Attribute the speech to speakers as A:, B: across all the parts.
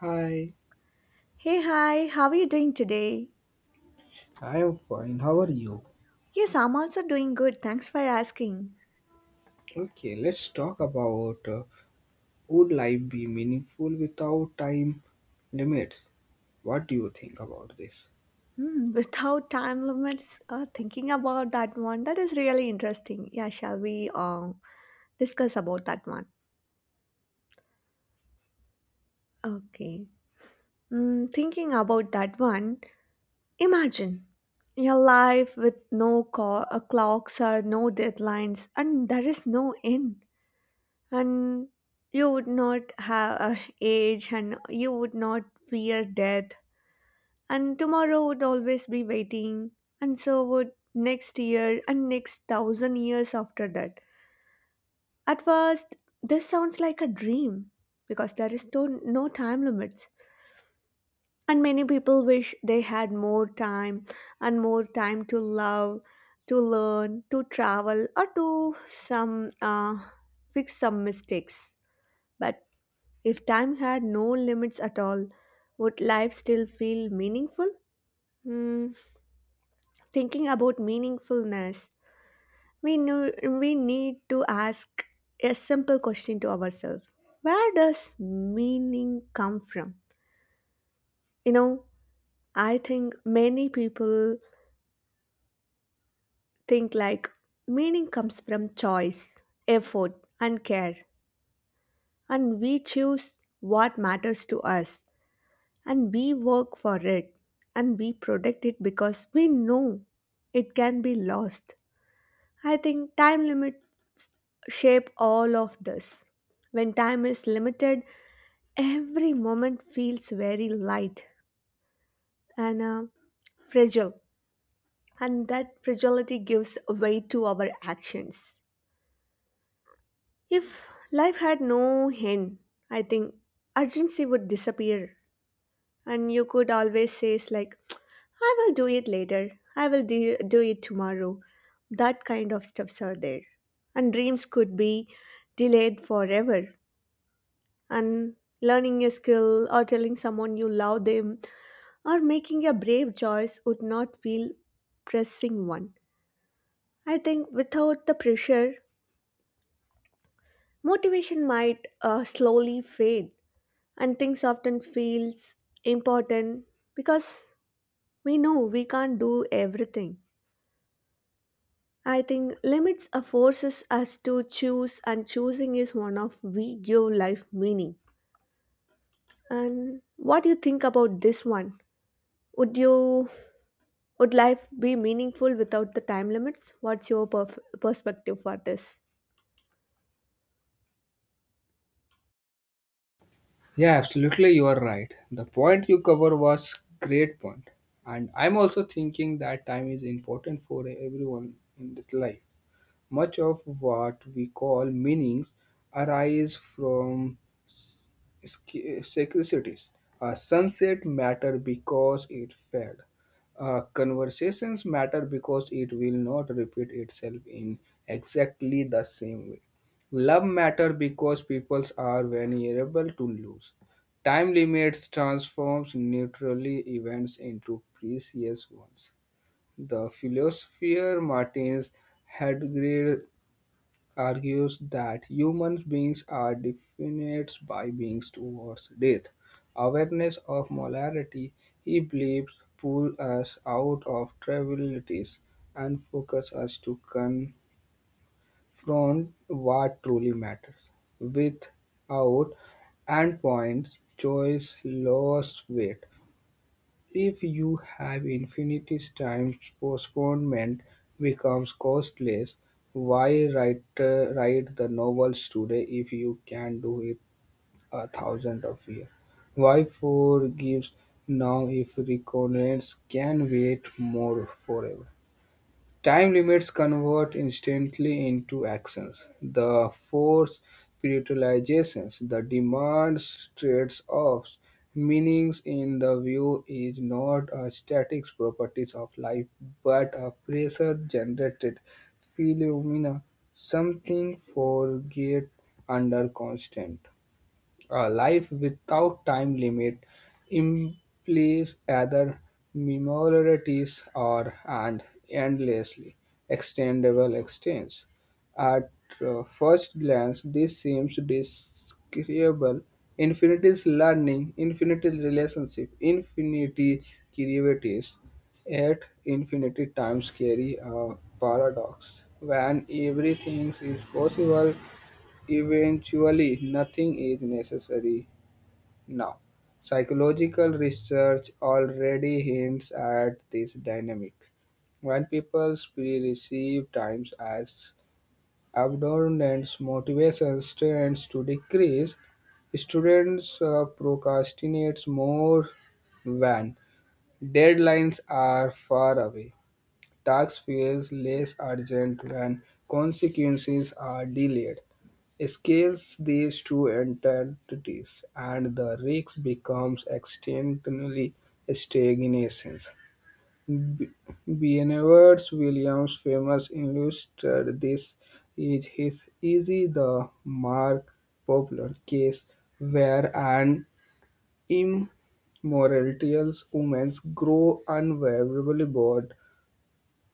A: Hi.
B: Hey, hi, how are you doing today?
A: I am fine. How are you?
B: Yes, I'm also doing good. Thanks for asking.
A: Okay, let's talk about would life be meaningful without time limits? What do you think about this?
B: Hmm, without time limits, thinking about that one, that is really interesting. Yeah, shall we discuss about that one? Okay. Hmm, thinking about that one, imagine your life with no clocks or no deadlines, and there is no end. And you would not have age, and you would not fear death, and tomorrow would always be waiting, and so would next year and next thousand years after that. At first this sounds like a dream because there is no time limits, and many people wish they had more time, and more time to love, to learn, to travel, or to some fix some mistakes. But if time had no limits at all, would life still feel meaningful? Hmm, thinking about meaningfulness, we, knew, we need to ask a simple question to ourselves. Where does meaning come from? You know, I think many people think like meaning comes from choice, effort, and care, and we choose what matters to us, and we work for it, and we protect it because we know it can be lost. I think time limit shape all of this. When time is limited, every moment feels very light and fragile, and that fragility gives weight to our actions. If life had no end, I think urgency would disappear, and you could always say, it's like, I will do it later, I will do it tomorrow. That kind of stuffs are there. And dreams could be delayed forever, and learning a skill or telling someone you love them or making a brave choice would not feel pressing one. I think without the pressure, motivation might slowly fade, and things often feels important because we know we can't do everything. I think limits are forces us to choose, and choosing is one of we give life meaning. And what do you think about this one? Would you, would life be meaningful without the time limits? What's your perspective for this?
A: Yeah, absolutely, you are right. The point you cover was great point, and I'm also thinking that time is important for everyone in this life. Much of what we call meanings arise from secretities. A sunset matter because it fed. Conversations matter because it will not repeat itself in exactly the same way. Love matter because peoples are vulnerable to lose. Time limits transforms neutrally events into precious ones. The philosopher Martins Heidegger argues that human beings are defined by beings towards death. Awareness of mortality, he believes, pull us out of trivialities and focus us to confront what truly matters. Without endpoints, choice lost weight. If you have infinity times, postponement becomes costless. Why write write the novels today if you can do it a thousand of years? Why forgive now if reconnects can wait more forever? Time limits convert instantly into actions. The force prioritizations, the demands trade-offs, meanings in the view is not a static properties of life, but a pressure-generated phenomena, something forget under constant. A life without time limit implies either memories or and endlessly extendable extents. At first glance, this seems disagreeable. Infinity is learning, infinity is relationship, infinity creativities. Yet, infinity times carry a paradox. When everything is possible, eventually, nothing is necessary now. Psychological research already hints at this dynamic. When people perceive times as abundance, motivation tends to decrease. Students procrastinate more when deadlines are far away. Tax feel less urgent when consequences are delayed. Scales these two entities, and the risk becomes externally stagnation. B- Benevolence Williams' famous illustrated this is his easy the mark popular case where an immortal woman grow unbearably bored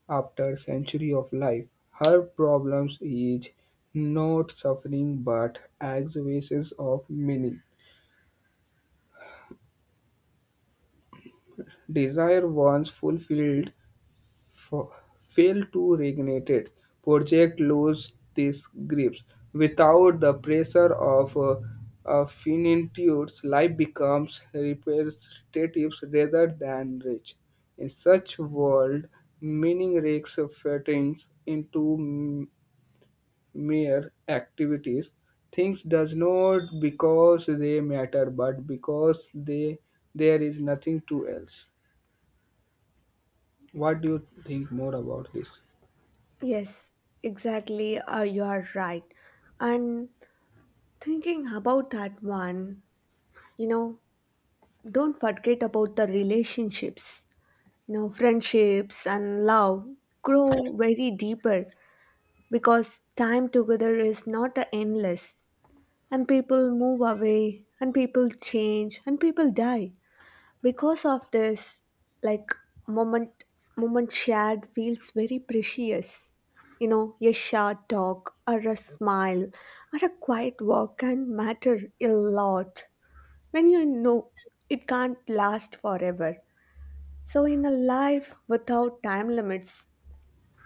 A: after century of life, her problems is not suffering but existence of meaning. Desire once fulfilled f- fail to reignite it. Project lose this grips. Without the pressure of a finitude, life becomes repetitive rather than rich. In such world, meaning rakes fattens into mere activities. Things does not because they matter, but because they there is nothing to else. What do you think more about this?
B: Yes, exactly. You are right. And thinking about that one, you know, don't forget about the relationships. You know, friendships and love grow very deeper because time together is not a endless. And people move away, and people change, and people die because of this, like, moment moment shared feels very precious. You know, a short talk or a smile or a quiet walk can matter a lot when you know it can't last forever. So in a life without time limits,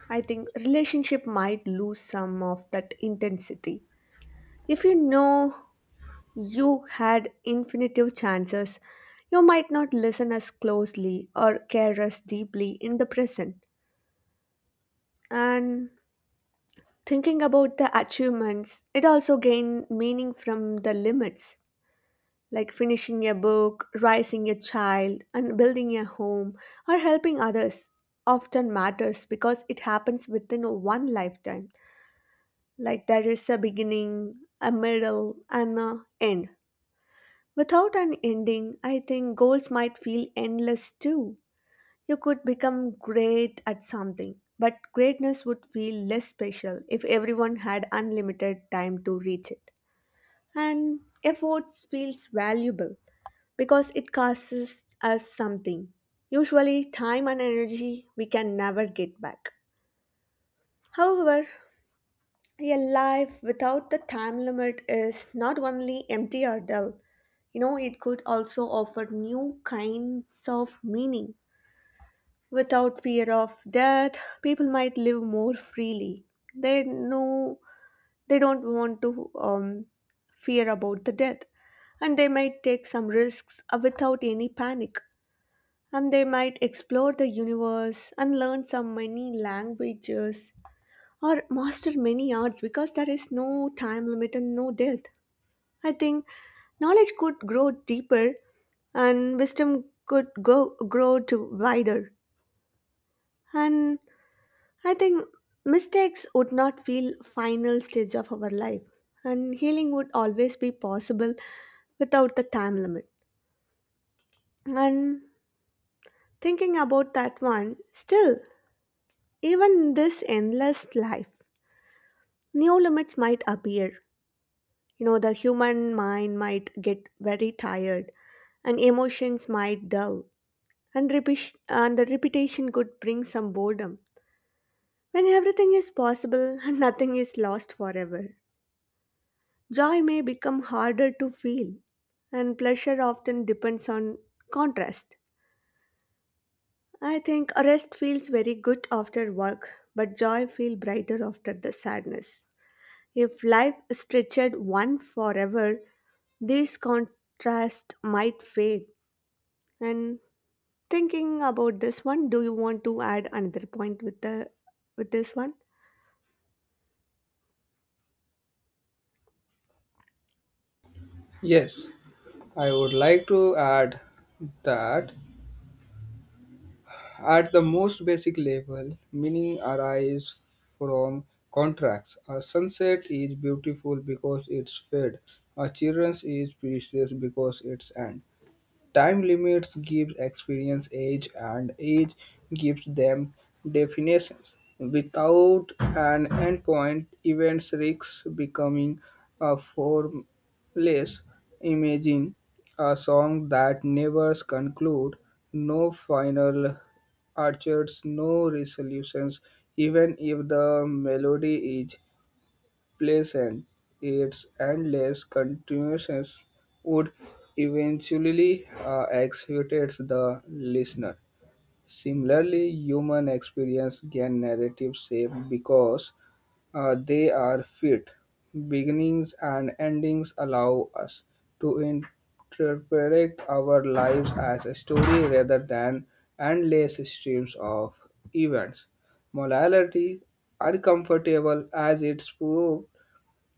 B: I think relationship might lose some of that intensity. If you know you had infinitive chances. You might not listen as closely or care as deeply in the present. And thinking about the achievements, it also gained meaning from the limits, like finishing a book, raising a child, and building a home, or helping others. Often matters because it happens within one lifetime. Like, there is a beginning, a middle, and a end. Without an ending, I think goals might feel endless too. You could become great at something, but greatness would feel less special if everyone had unlimited time to reach it. And effort feels valuable because it costs us something, usually time and energy we can never get back. However, a life without the time limit is not only empty or dull. You know, it could also offer new kinds of meaning. Without fear of death, people might live more freely. They know they don't want to fear about the death, and they might take some risks without any panic. And they might explore the universe and learn some many languages or master many arts because there is no time limit and no death. I think knowledge could grow deeper, and wisdom could grow to wider. And I think mistakes would not feel final stage of our life, and healing would always be possible without the time limit. And thinking about that one, still, even in this endless life, new limits might appear. You know, the human mind might get very tired, and emotions might dull, and, and the repetition could bring some boredom. When everything is possible and nothing is lost forever, joy may become harder to feel, and pleasure often depends on contrast. I think rest feels very good after work, but joy feels brighter after the sadness. If life stretched one forever, these contrasts might fade. And thinking about this one, do you want to add another point with the, with this one?
A: Yes, I would like to add that at the most basic level, meaning arises from contracts. A sunset is beautiful because it's fade. A children's is precious because it's end. Time limits gives experience age and age gives them definitions. Without an endpoint, events risk becoming a formless imaging, a song that never concludes, no final arches, no resolutions, even if the melody is pleasant, its endless continuations would eventually exhaustate the listener. Similarly, human experience gain narrative shape because they are fit. Beginnings and endings allow us to interpret our lives as a story rather than endless streams of events. Morality, uncomfortable as it's proved,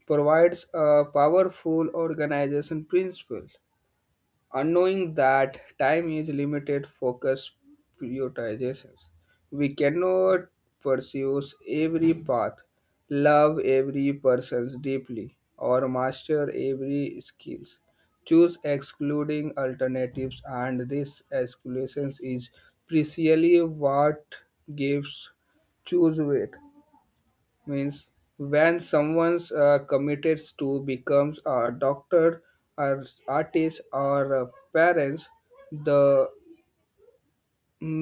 A: provides a powerful organization principle, unknowing that time is limited focus prioritizations. We cannot pursue every path, love every person deeply, or master every skills. Choose excluding alternatives, and this exclusion is precisely what gives choose weight means when someone's committed to becomes a doctor or artist or parents the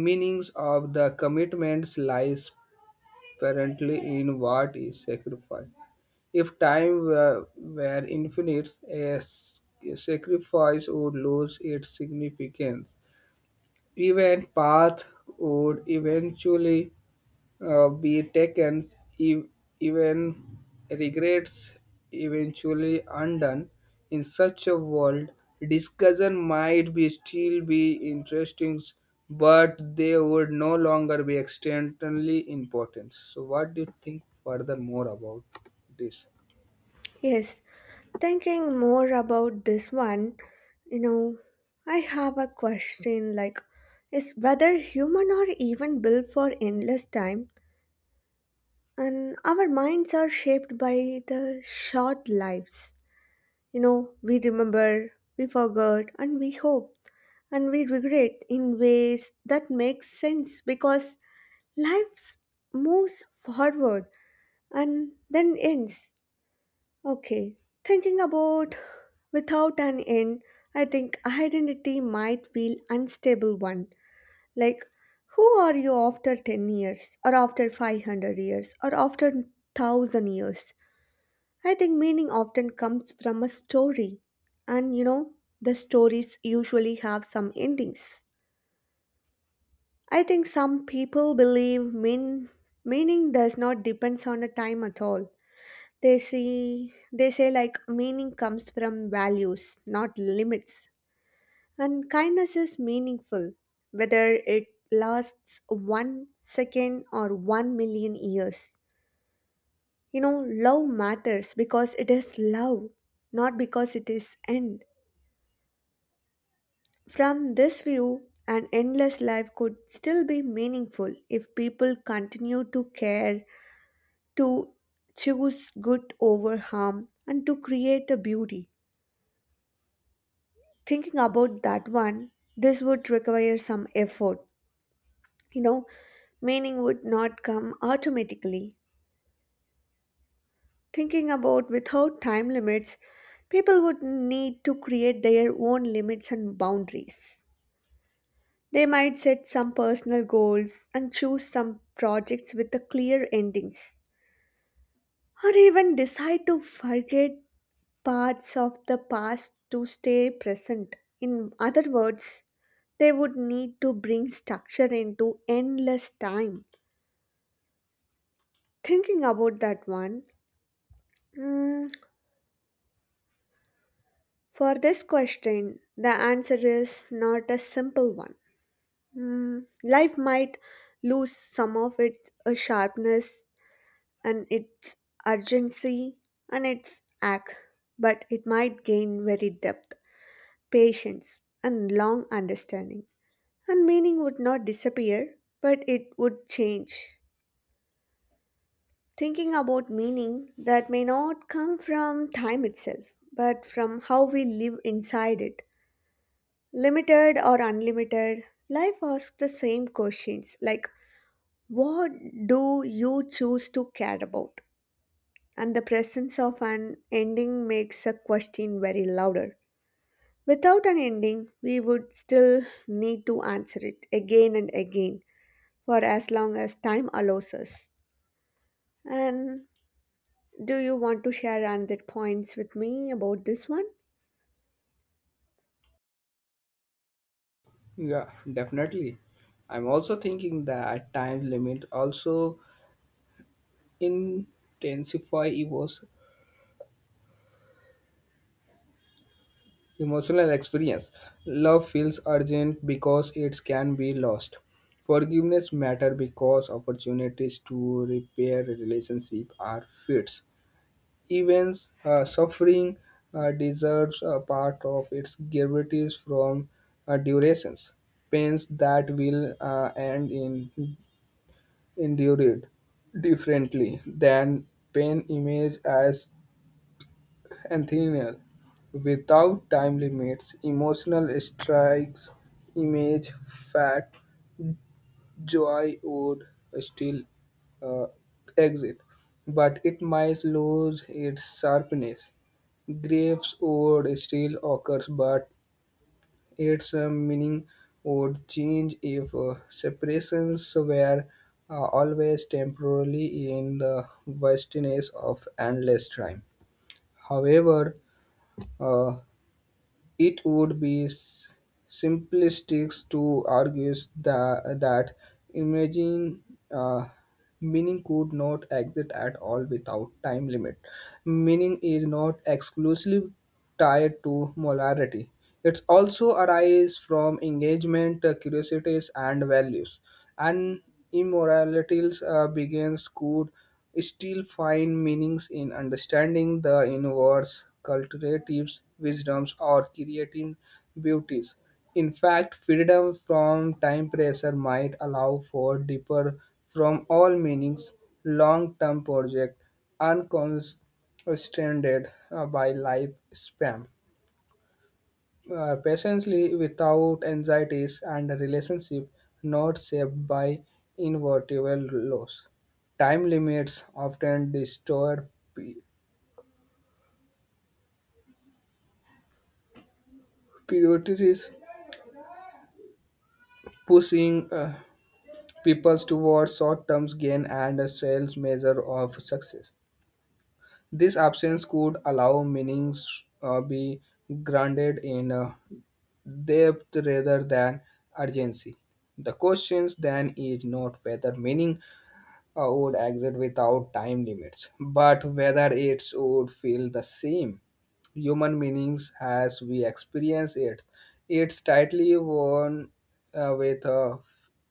A: meanings of the commitments lies apparently in what is sacrificed if time were infinite a sacrifice would lose its significance even path would eventually be taken, e- even regrets eventually undone. In such a world, discussion might be still be interesting, but they would no longer be externally important. So, what do you think further more about this?
B: Yes, thinking more about this one, you know, I have a question like, is whether human are even built for endless time? And our minds are shaped by the short lives. You know, we remember, we forgot, and we hope, and we regret in ways that make sense because life moves forward and then ends. Okay, thinking about without an end, I think identity might feel unstable one. Like, who are you after 10 years, or after 500 years, or after 1000 years? I think meaning often comes from a story, and you know, the stories usually have some endings. I think some people meaning does not depends on a time at all. They say like meaning comes from values, not limits. And kindness is meaningful, whether it lasts one second or 1 million years. You know, love matters because it is love, not because it is end. From this view, an endless life could still be meaningful if people continue to care, to choose good over harm, and to create a beauty. Thinking about that one, this would require some effort. You know, meaning would not come automatically. Thinking about without time limits, people would need to create their own limits and boundaries. They might set some personal goals and choose some projects with the clear endings, or even decide to forget parts of the past to stay present. In other words, they would need to bring structure into endless time. Thinking about that one, mm, for this question, the answer is not a simple one. Mm, life might lose some of its sharpness and its urgency and its act, but it might gain very depth, patience, and long understanding. And meaning would not disappear, but it would change. Thinking about meaning that may not come from time itself, but from how we live inside it. Limited or unlimited, life asks the same questions like, what do you choose to care about? And the presence of an ending makes a question very louder. Without an ending, we would still need to answer it again and again for as long as time allows us. And do you want to share another points with me about this one?
A: Yeah, definitely. I'm also thinking that time limit also intensify egos emotional experience. Love feels urgent because it can be lost. Forgiveness matters because opportunities to repair relationship are fixed. Even suffering deserves a part of its gravities from durations. Pains that will end in endured differently than pain image as and thinner. Without time limits, emotional strikes, image, fat, joy would still uh, exist, but it might lose its sharpness. Grapes would still occurs, but its meaning would change if separations were always temporarily in the vastness of endless time. However, uh, it would be simplistic to argue that imaging uh, meaning could not exist at all without time limit. Meaning is not exclusively tied to molarity. It also arises from engagement, curiosities, and values. And immoralities begins could still find meanings in understanding the universe, cultivating wisdoms, or creative beauties. In fact, freedom from time pressure might allow for deeper from all meanings, long-term project, unconstrained by life spam patiently without anxieties and a relationship not shaped by inevitable loss. Time limits often distort pe- priorities, pushing people towards short-term gain and a sales measure of success. This absence could allow meanings be grounded in depth rather than urgency. The question then is not whether meaning would exit without time limits. But whether it would feel the same human meanings as we experience it. It's tightly woven with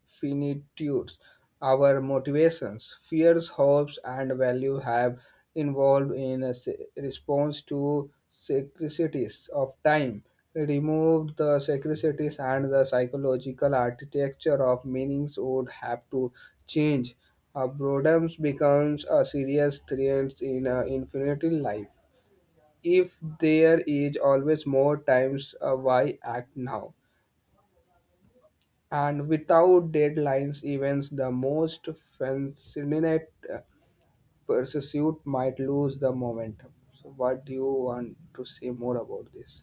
A: finitude. Our motivations, fears, hopes, and value have evolved in a response to secretities of time. Remove the secretities and the psychological architecture of meanings would have to change. Boredom becomes a serious threat in infinite life if there is always more times why act now and without deadlines events the most fascinating uh, pursuit might lose the momentum. So what do you want to say more about this?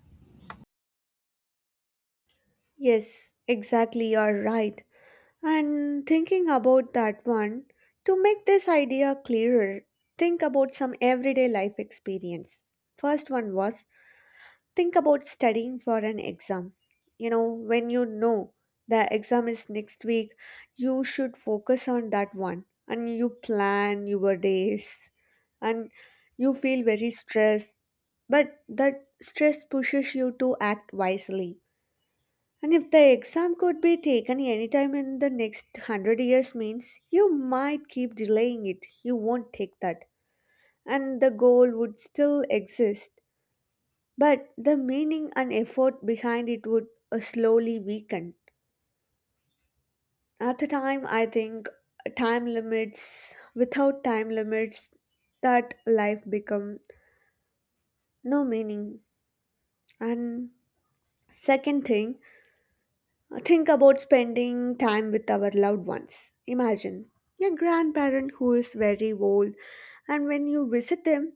B: Yes, exactly, you're right. And thinking about that one, to make this idea clearer, think about some everyday life experience. First one was, think about studying for an exam. You know, when you know the exam is next week, you should focus on that one, and you plan your days, and you feel very stressed. But that stress pushes you to act wisely. And if the exam could be taken anytime in the next 100 years means you might keep delaying it. You won't take that. And the goal would still exist. But the meaning and effort behind it would slowly weaken. At the time, I think without time limits, that life become no meaning. And second thing, think about spending time with our loved ones. Imagine your grandparent who is very old, and when you visit them,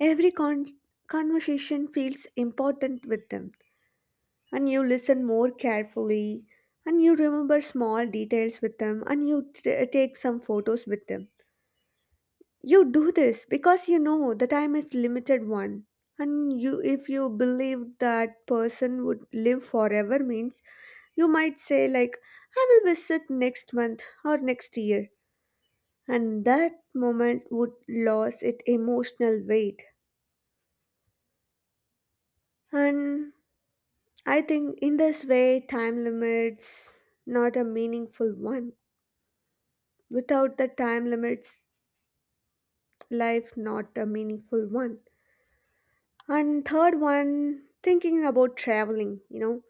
B: every con- conversation feels important with them, and you listen more carefully, and you remember small details with them, and you take some photos with them. You do this because you know the time is limited one. And you, if you believe that person would live forever means you might say like, I will visit next month or next year, and that moment would lose its emotional weight. And I think in this way, time limits not a meaningful one. Without the time limits, life not a meaningful one. And third one, thinking about traveling, you know,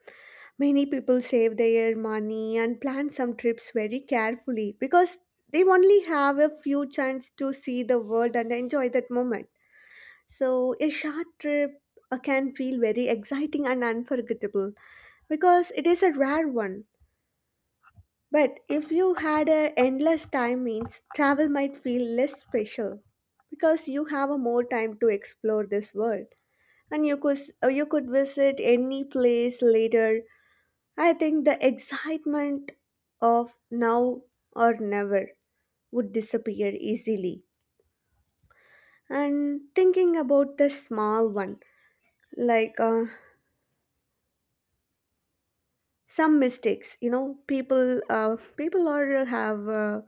B: many people save their money and plan some trips very carefully because they only have a few chance to see the world and enjoy that moment. So a short trip can feel very exciting and unforgettable because it is a rare one. But if you had a endless time means travel might feel less special because you have a more time to explore this world, and you could visit any place later. I think the excitement of now or never would disappear easily. And thinking about the small one like some mistakes, you know, people people are have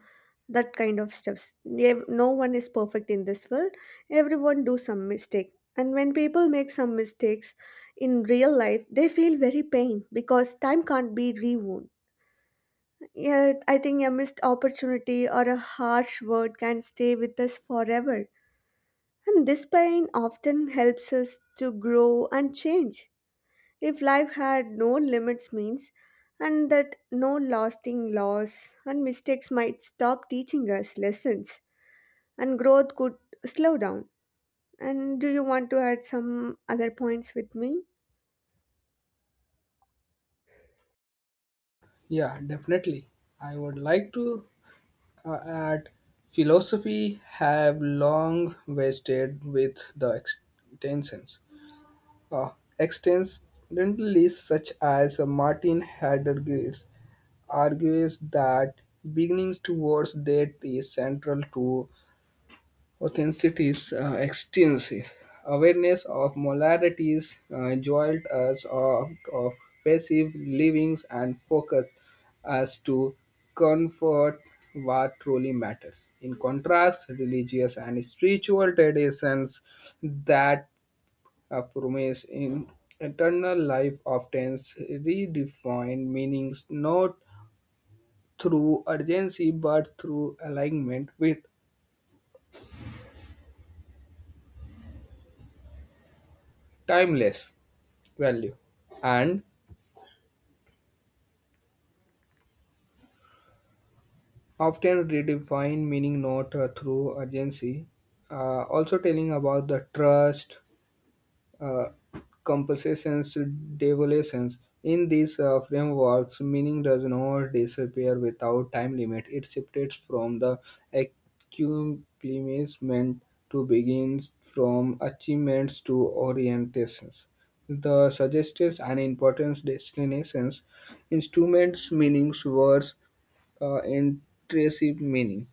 B: that kind of stuffs. No one is perfect in this world. Everyone do some mistake, and when people make some mistakes in real life, they feel very pain because time can't be rewound. Yeah, I think a missed opportunity or a harsh word can stay with us forever, and this pain often helps us to grow and change. If life had no limits means, and that no lasting loss, and mistakes might stop teaching us lessons, and growth could slow down. And do you want to add some other points with me?
A: Yeah, definitely. I would like to add philosophy have long wasted with the extensions uh, extensively such as Martin Heidegger argues that beginnings towards that is central to authenticity's existence. Awareness of molarities jolt us out of passive livings and focus us to comfort what truly matters. In contrast, religious and spiritual traditions that promise in eternal life often redefine meanings not through urgency but through alignment with timeless value and often redefine meaning not through urgency also telling about the trust uh, compensations devolutions. In these frameworks, meaning does not disappear without time limit. It shifts from the accomplishment to begins from achievements to orientations. The suggested and important destinations, instruments, meanings, words, intrinsic meaning.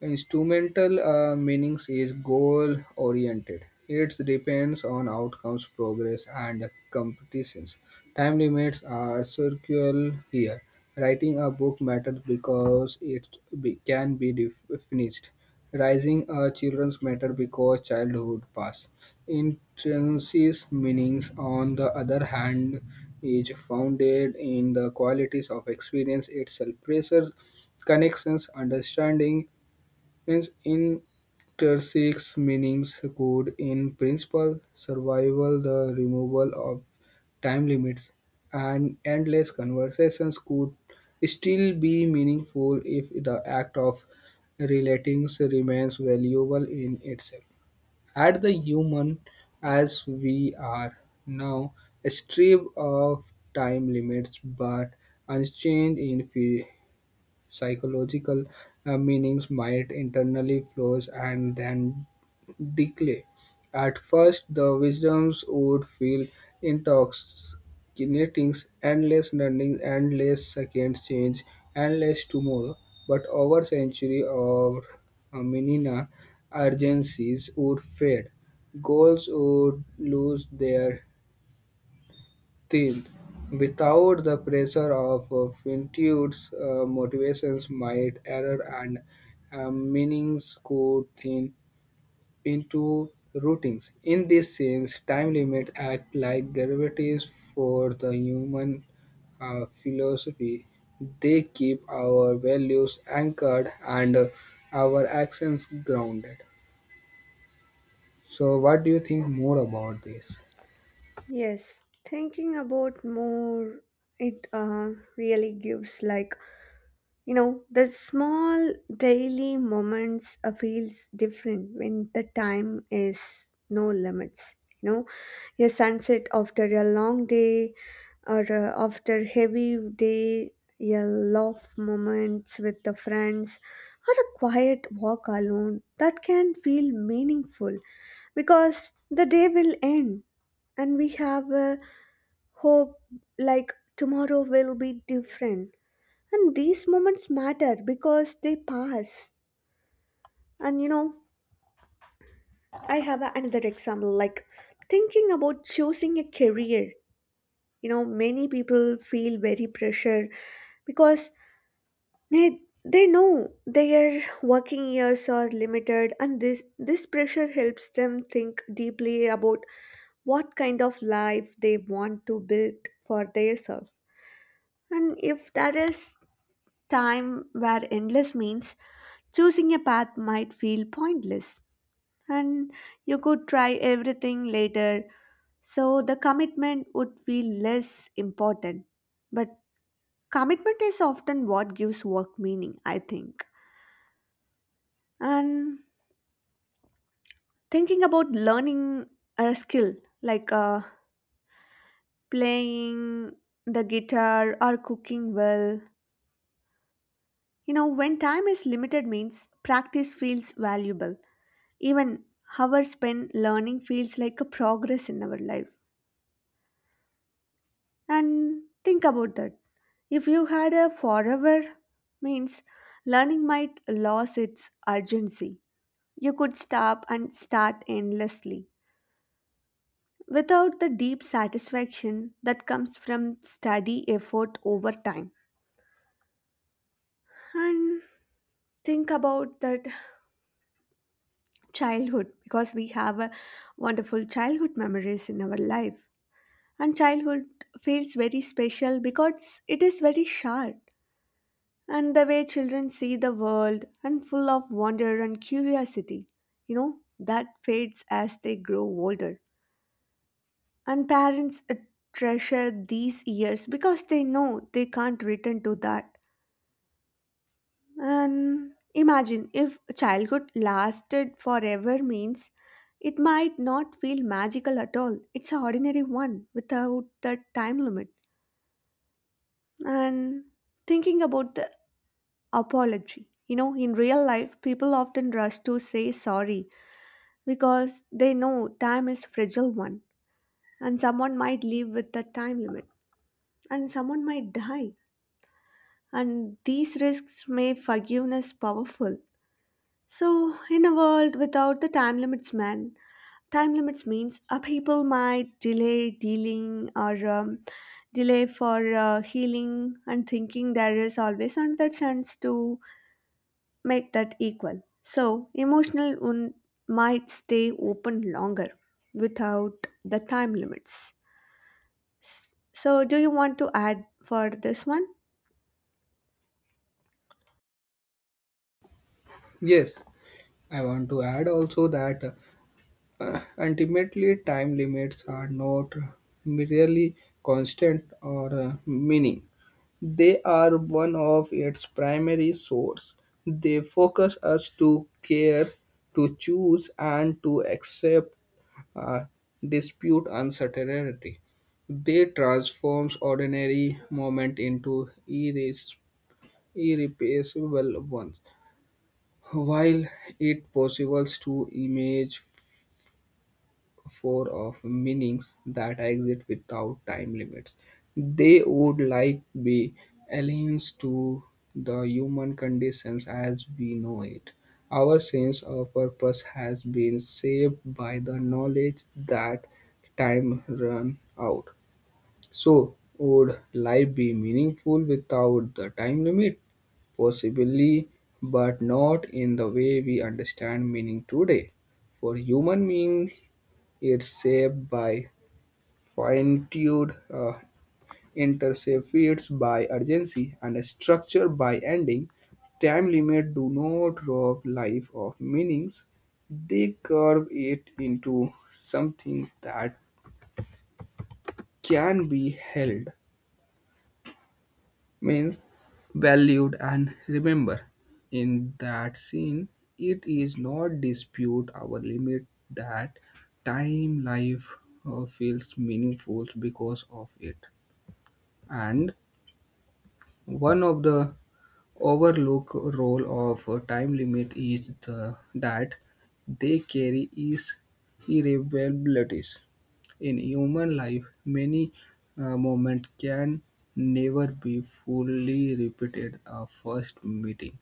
A: Instrumental meanings is goal oriented. It depends on outcomes, progress, and competitions. Time limits are circular here. Writing a book matters because it can be finished. Raising a children's matter because childhood pass. Intrinsic meanings, on the other hand, is founded in the qualities of experience itself. Pressure connections, understanding, its intrinsic meanings could, in principle, survive the removal of time limits, and endless conversations could still be meaningful if the act of relating remains valuable in itself. At the human as we are now, stripped of time limits but unchanged in psychological meanings might internally flows and then decay. At first, the wisdoms would feel intoxicating, endless learning, endless second change, endless tomorrow. But over century or millennia, urgencies would fade. Goals would lose their still, without the pressure of finitude's motivations might error and meanings could thin into routings. In this sense, time limits act like gravities for the human philosophy. They keep our values anchored and our actions grounded. So, what do you think more about this?
B: Yes, thinking about more it really gives like. You know, the small daily moments feels different when the time is no limits. You know, a sunset after a long day or after heavy day, a laugh moments with the friends or a quiet walk alone, that can feel meaningful because the day will end and we have a hope like tomorrow will be different, and these moments matter because they pass. And you know, another example like thinking about choosing a career. You know, many people feel very pressure because they know their working years are limited, and this pressure helps them think deeply about what kind of life they want to build for themselves. And if there is time where endless means. Choosing a path might feel pointless, and you could try everything later, so the commitment would feel less important. But commitment is often what gives work meaning, I think. And thinking about learning a skill like playing the guitar or cooking well, you know, when time is limited, means practice feels valuable. Even hours spent learning feels like a progress in our life. And think about that. If you had a forever means, learning might lose its urgency. You could stop and start endlessly without the deep satisfaction that comes from study effort over time. And think about that childhood, because we have a wonderful childhood memories in our life. And childhood feels very special because it is very short, and the way children see the world and full of wonder and curiosity, you know, that fades as they grow older, and parents treasure these years because they know they can't return to that. And imagine if childhood lasted forever means, it might not feel magical at all. It's an ordinary one without the time limit. And thinking about the apology. You know, in real life, people often rush to say sorry because they know time is fragile one, and someone might leave with the time limit, and someone might die, and these risks make forgiveness powerful. So, in a world without the time limits, man, time limits means people might delay dealing or delay for healing and thinking there is always another chance to make that equal. So, emotional wound might stay open longer without the time limits. So, do you want to add for this one?
A: Yes, I want to add also that. Ultimately, time limits are not merely constant or meaning. They are one of its primary source. They focus us to care, to choose, and to accept uh, dispute uncertainty. They transforms ordinary moment into irreplaceable ones. While it possible to image for of meanings that exist without time limits. They would like be aliens to the human conditions as we know it. Our sense of purpose has been shaped by the knowledge that time run out. So would life be meaningful without the time limit? Possibly, but not in the way we understand meaning today. For human beings, it's shaped by finitude, intercepted by urgency, and structure by ending. Time limits do not rob life of meanings. They curve it into something that can be held, means valued and remember. In that scene, it is not dispute our limit that time life feels meaningful because of it. And one of the overlooked role of a time limit is that they carry is irreversibilities. In human life, many moments can never be fully repeated. A first meeting,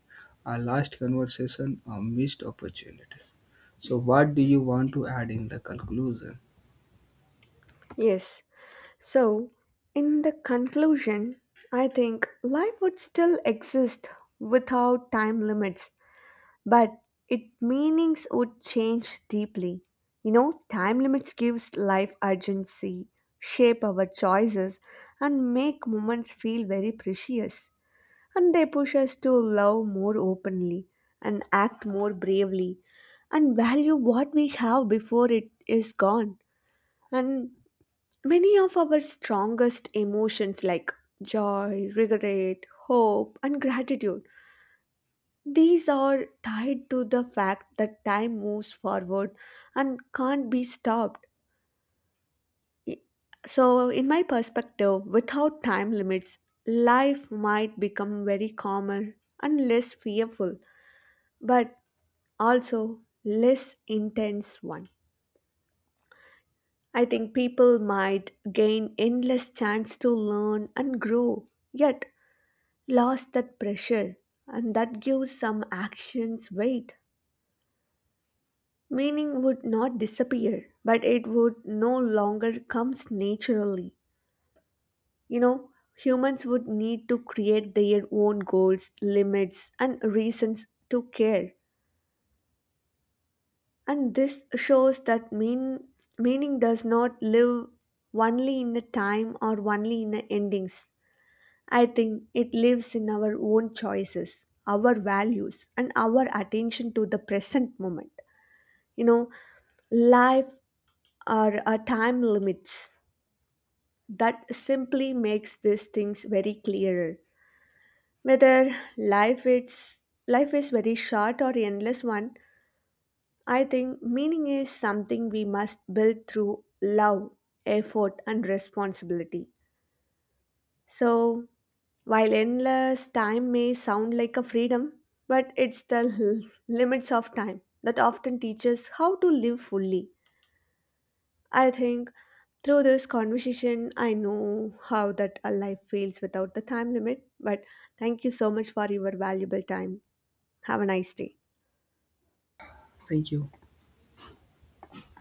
A: a last conversation, a missed opportunity. So, what do you want to add in the conclusion?
B: Yes. So, in the conclusion, I think life would still exist without time limits, but its meanings would change deeply. You know, time limits gives life urgency, shape our choices, and make moments feel very precious, and they push us to love more openly and act more bravely and value what we have before it is gone. And many of our strongest emotions like joy, regret, hope, and gratitude. These are tied to the fact that time moves forward and can't be stopped. So, in my perspective, without time limits, life might become very calmer and less fearful. But also less intense one. I think people might gain endless chance to learn and grow, yet lost that pressure, and that gives some actions weight. Meaning would not disappear, but it would no longer comes naturally. You know, humans would need to create their own goals, limits, and reasons to care. And this shows that meaning does not live only in a time or only in a endings. I think it lives in our own choices, our values, and our attention to the present moment. You know, life are a time limits that simply makes these things very clearer. Whether life is very short or endless one, I think meaning is something we must build through love, effort, and responsibility. So, while endless time may sound like a freedom, but it's the limits of time that often teaches how to live fully. I think through this conversation, I know how that a life feels without the time limit. But thank you so much for your valuable time. Have a nice day.
A: Thank you.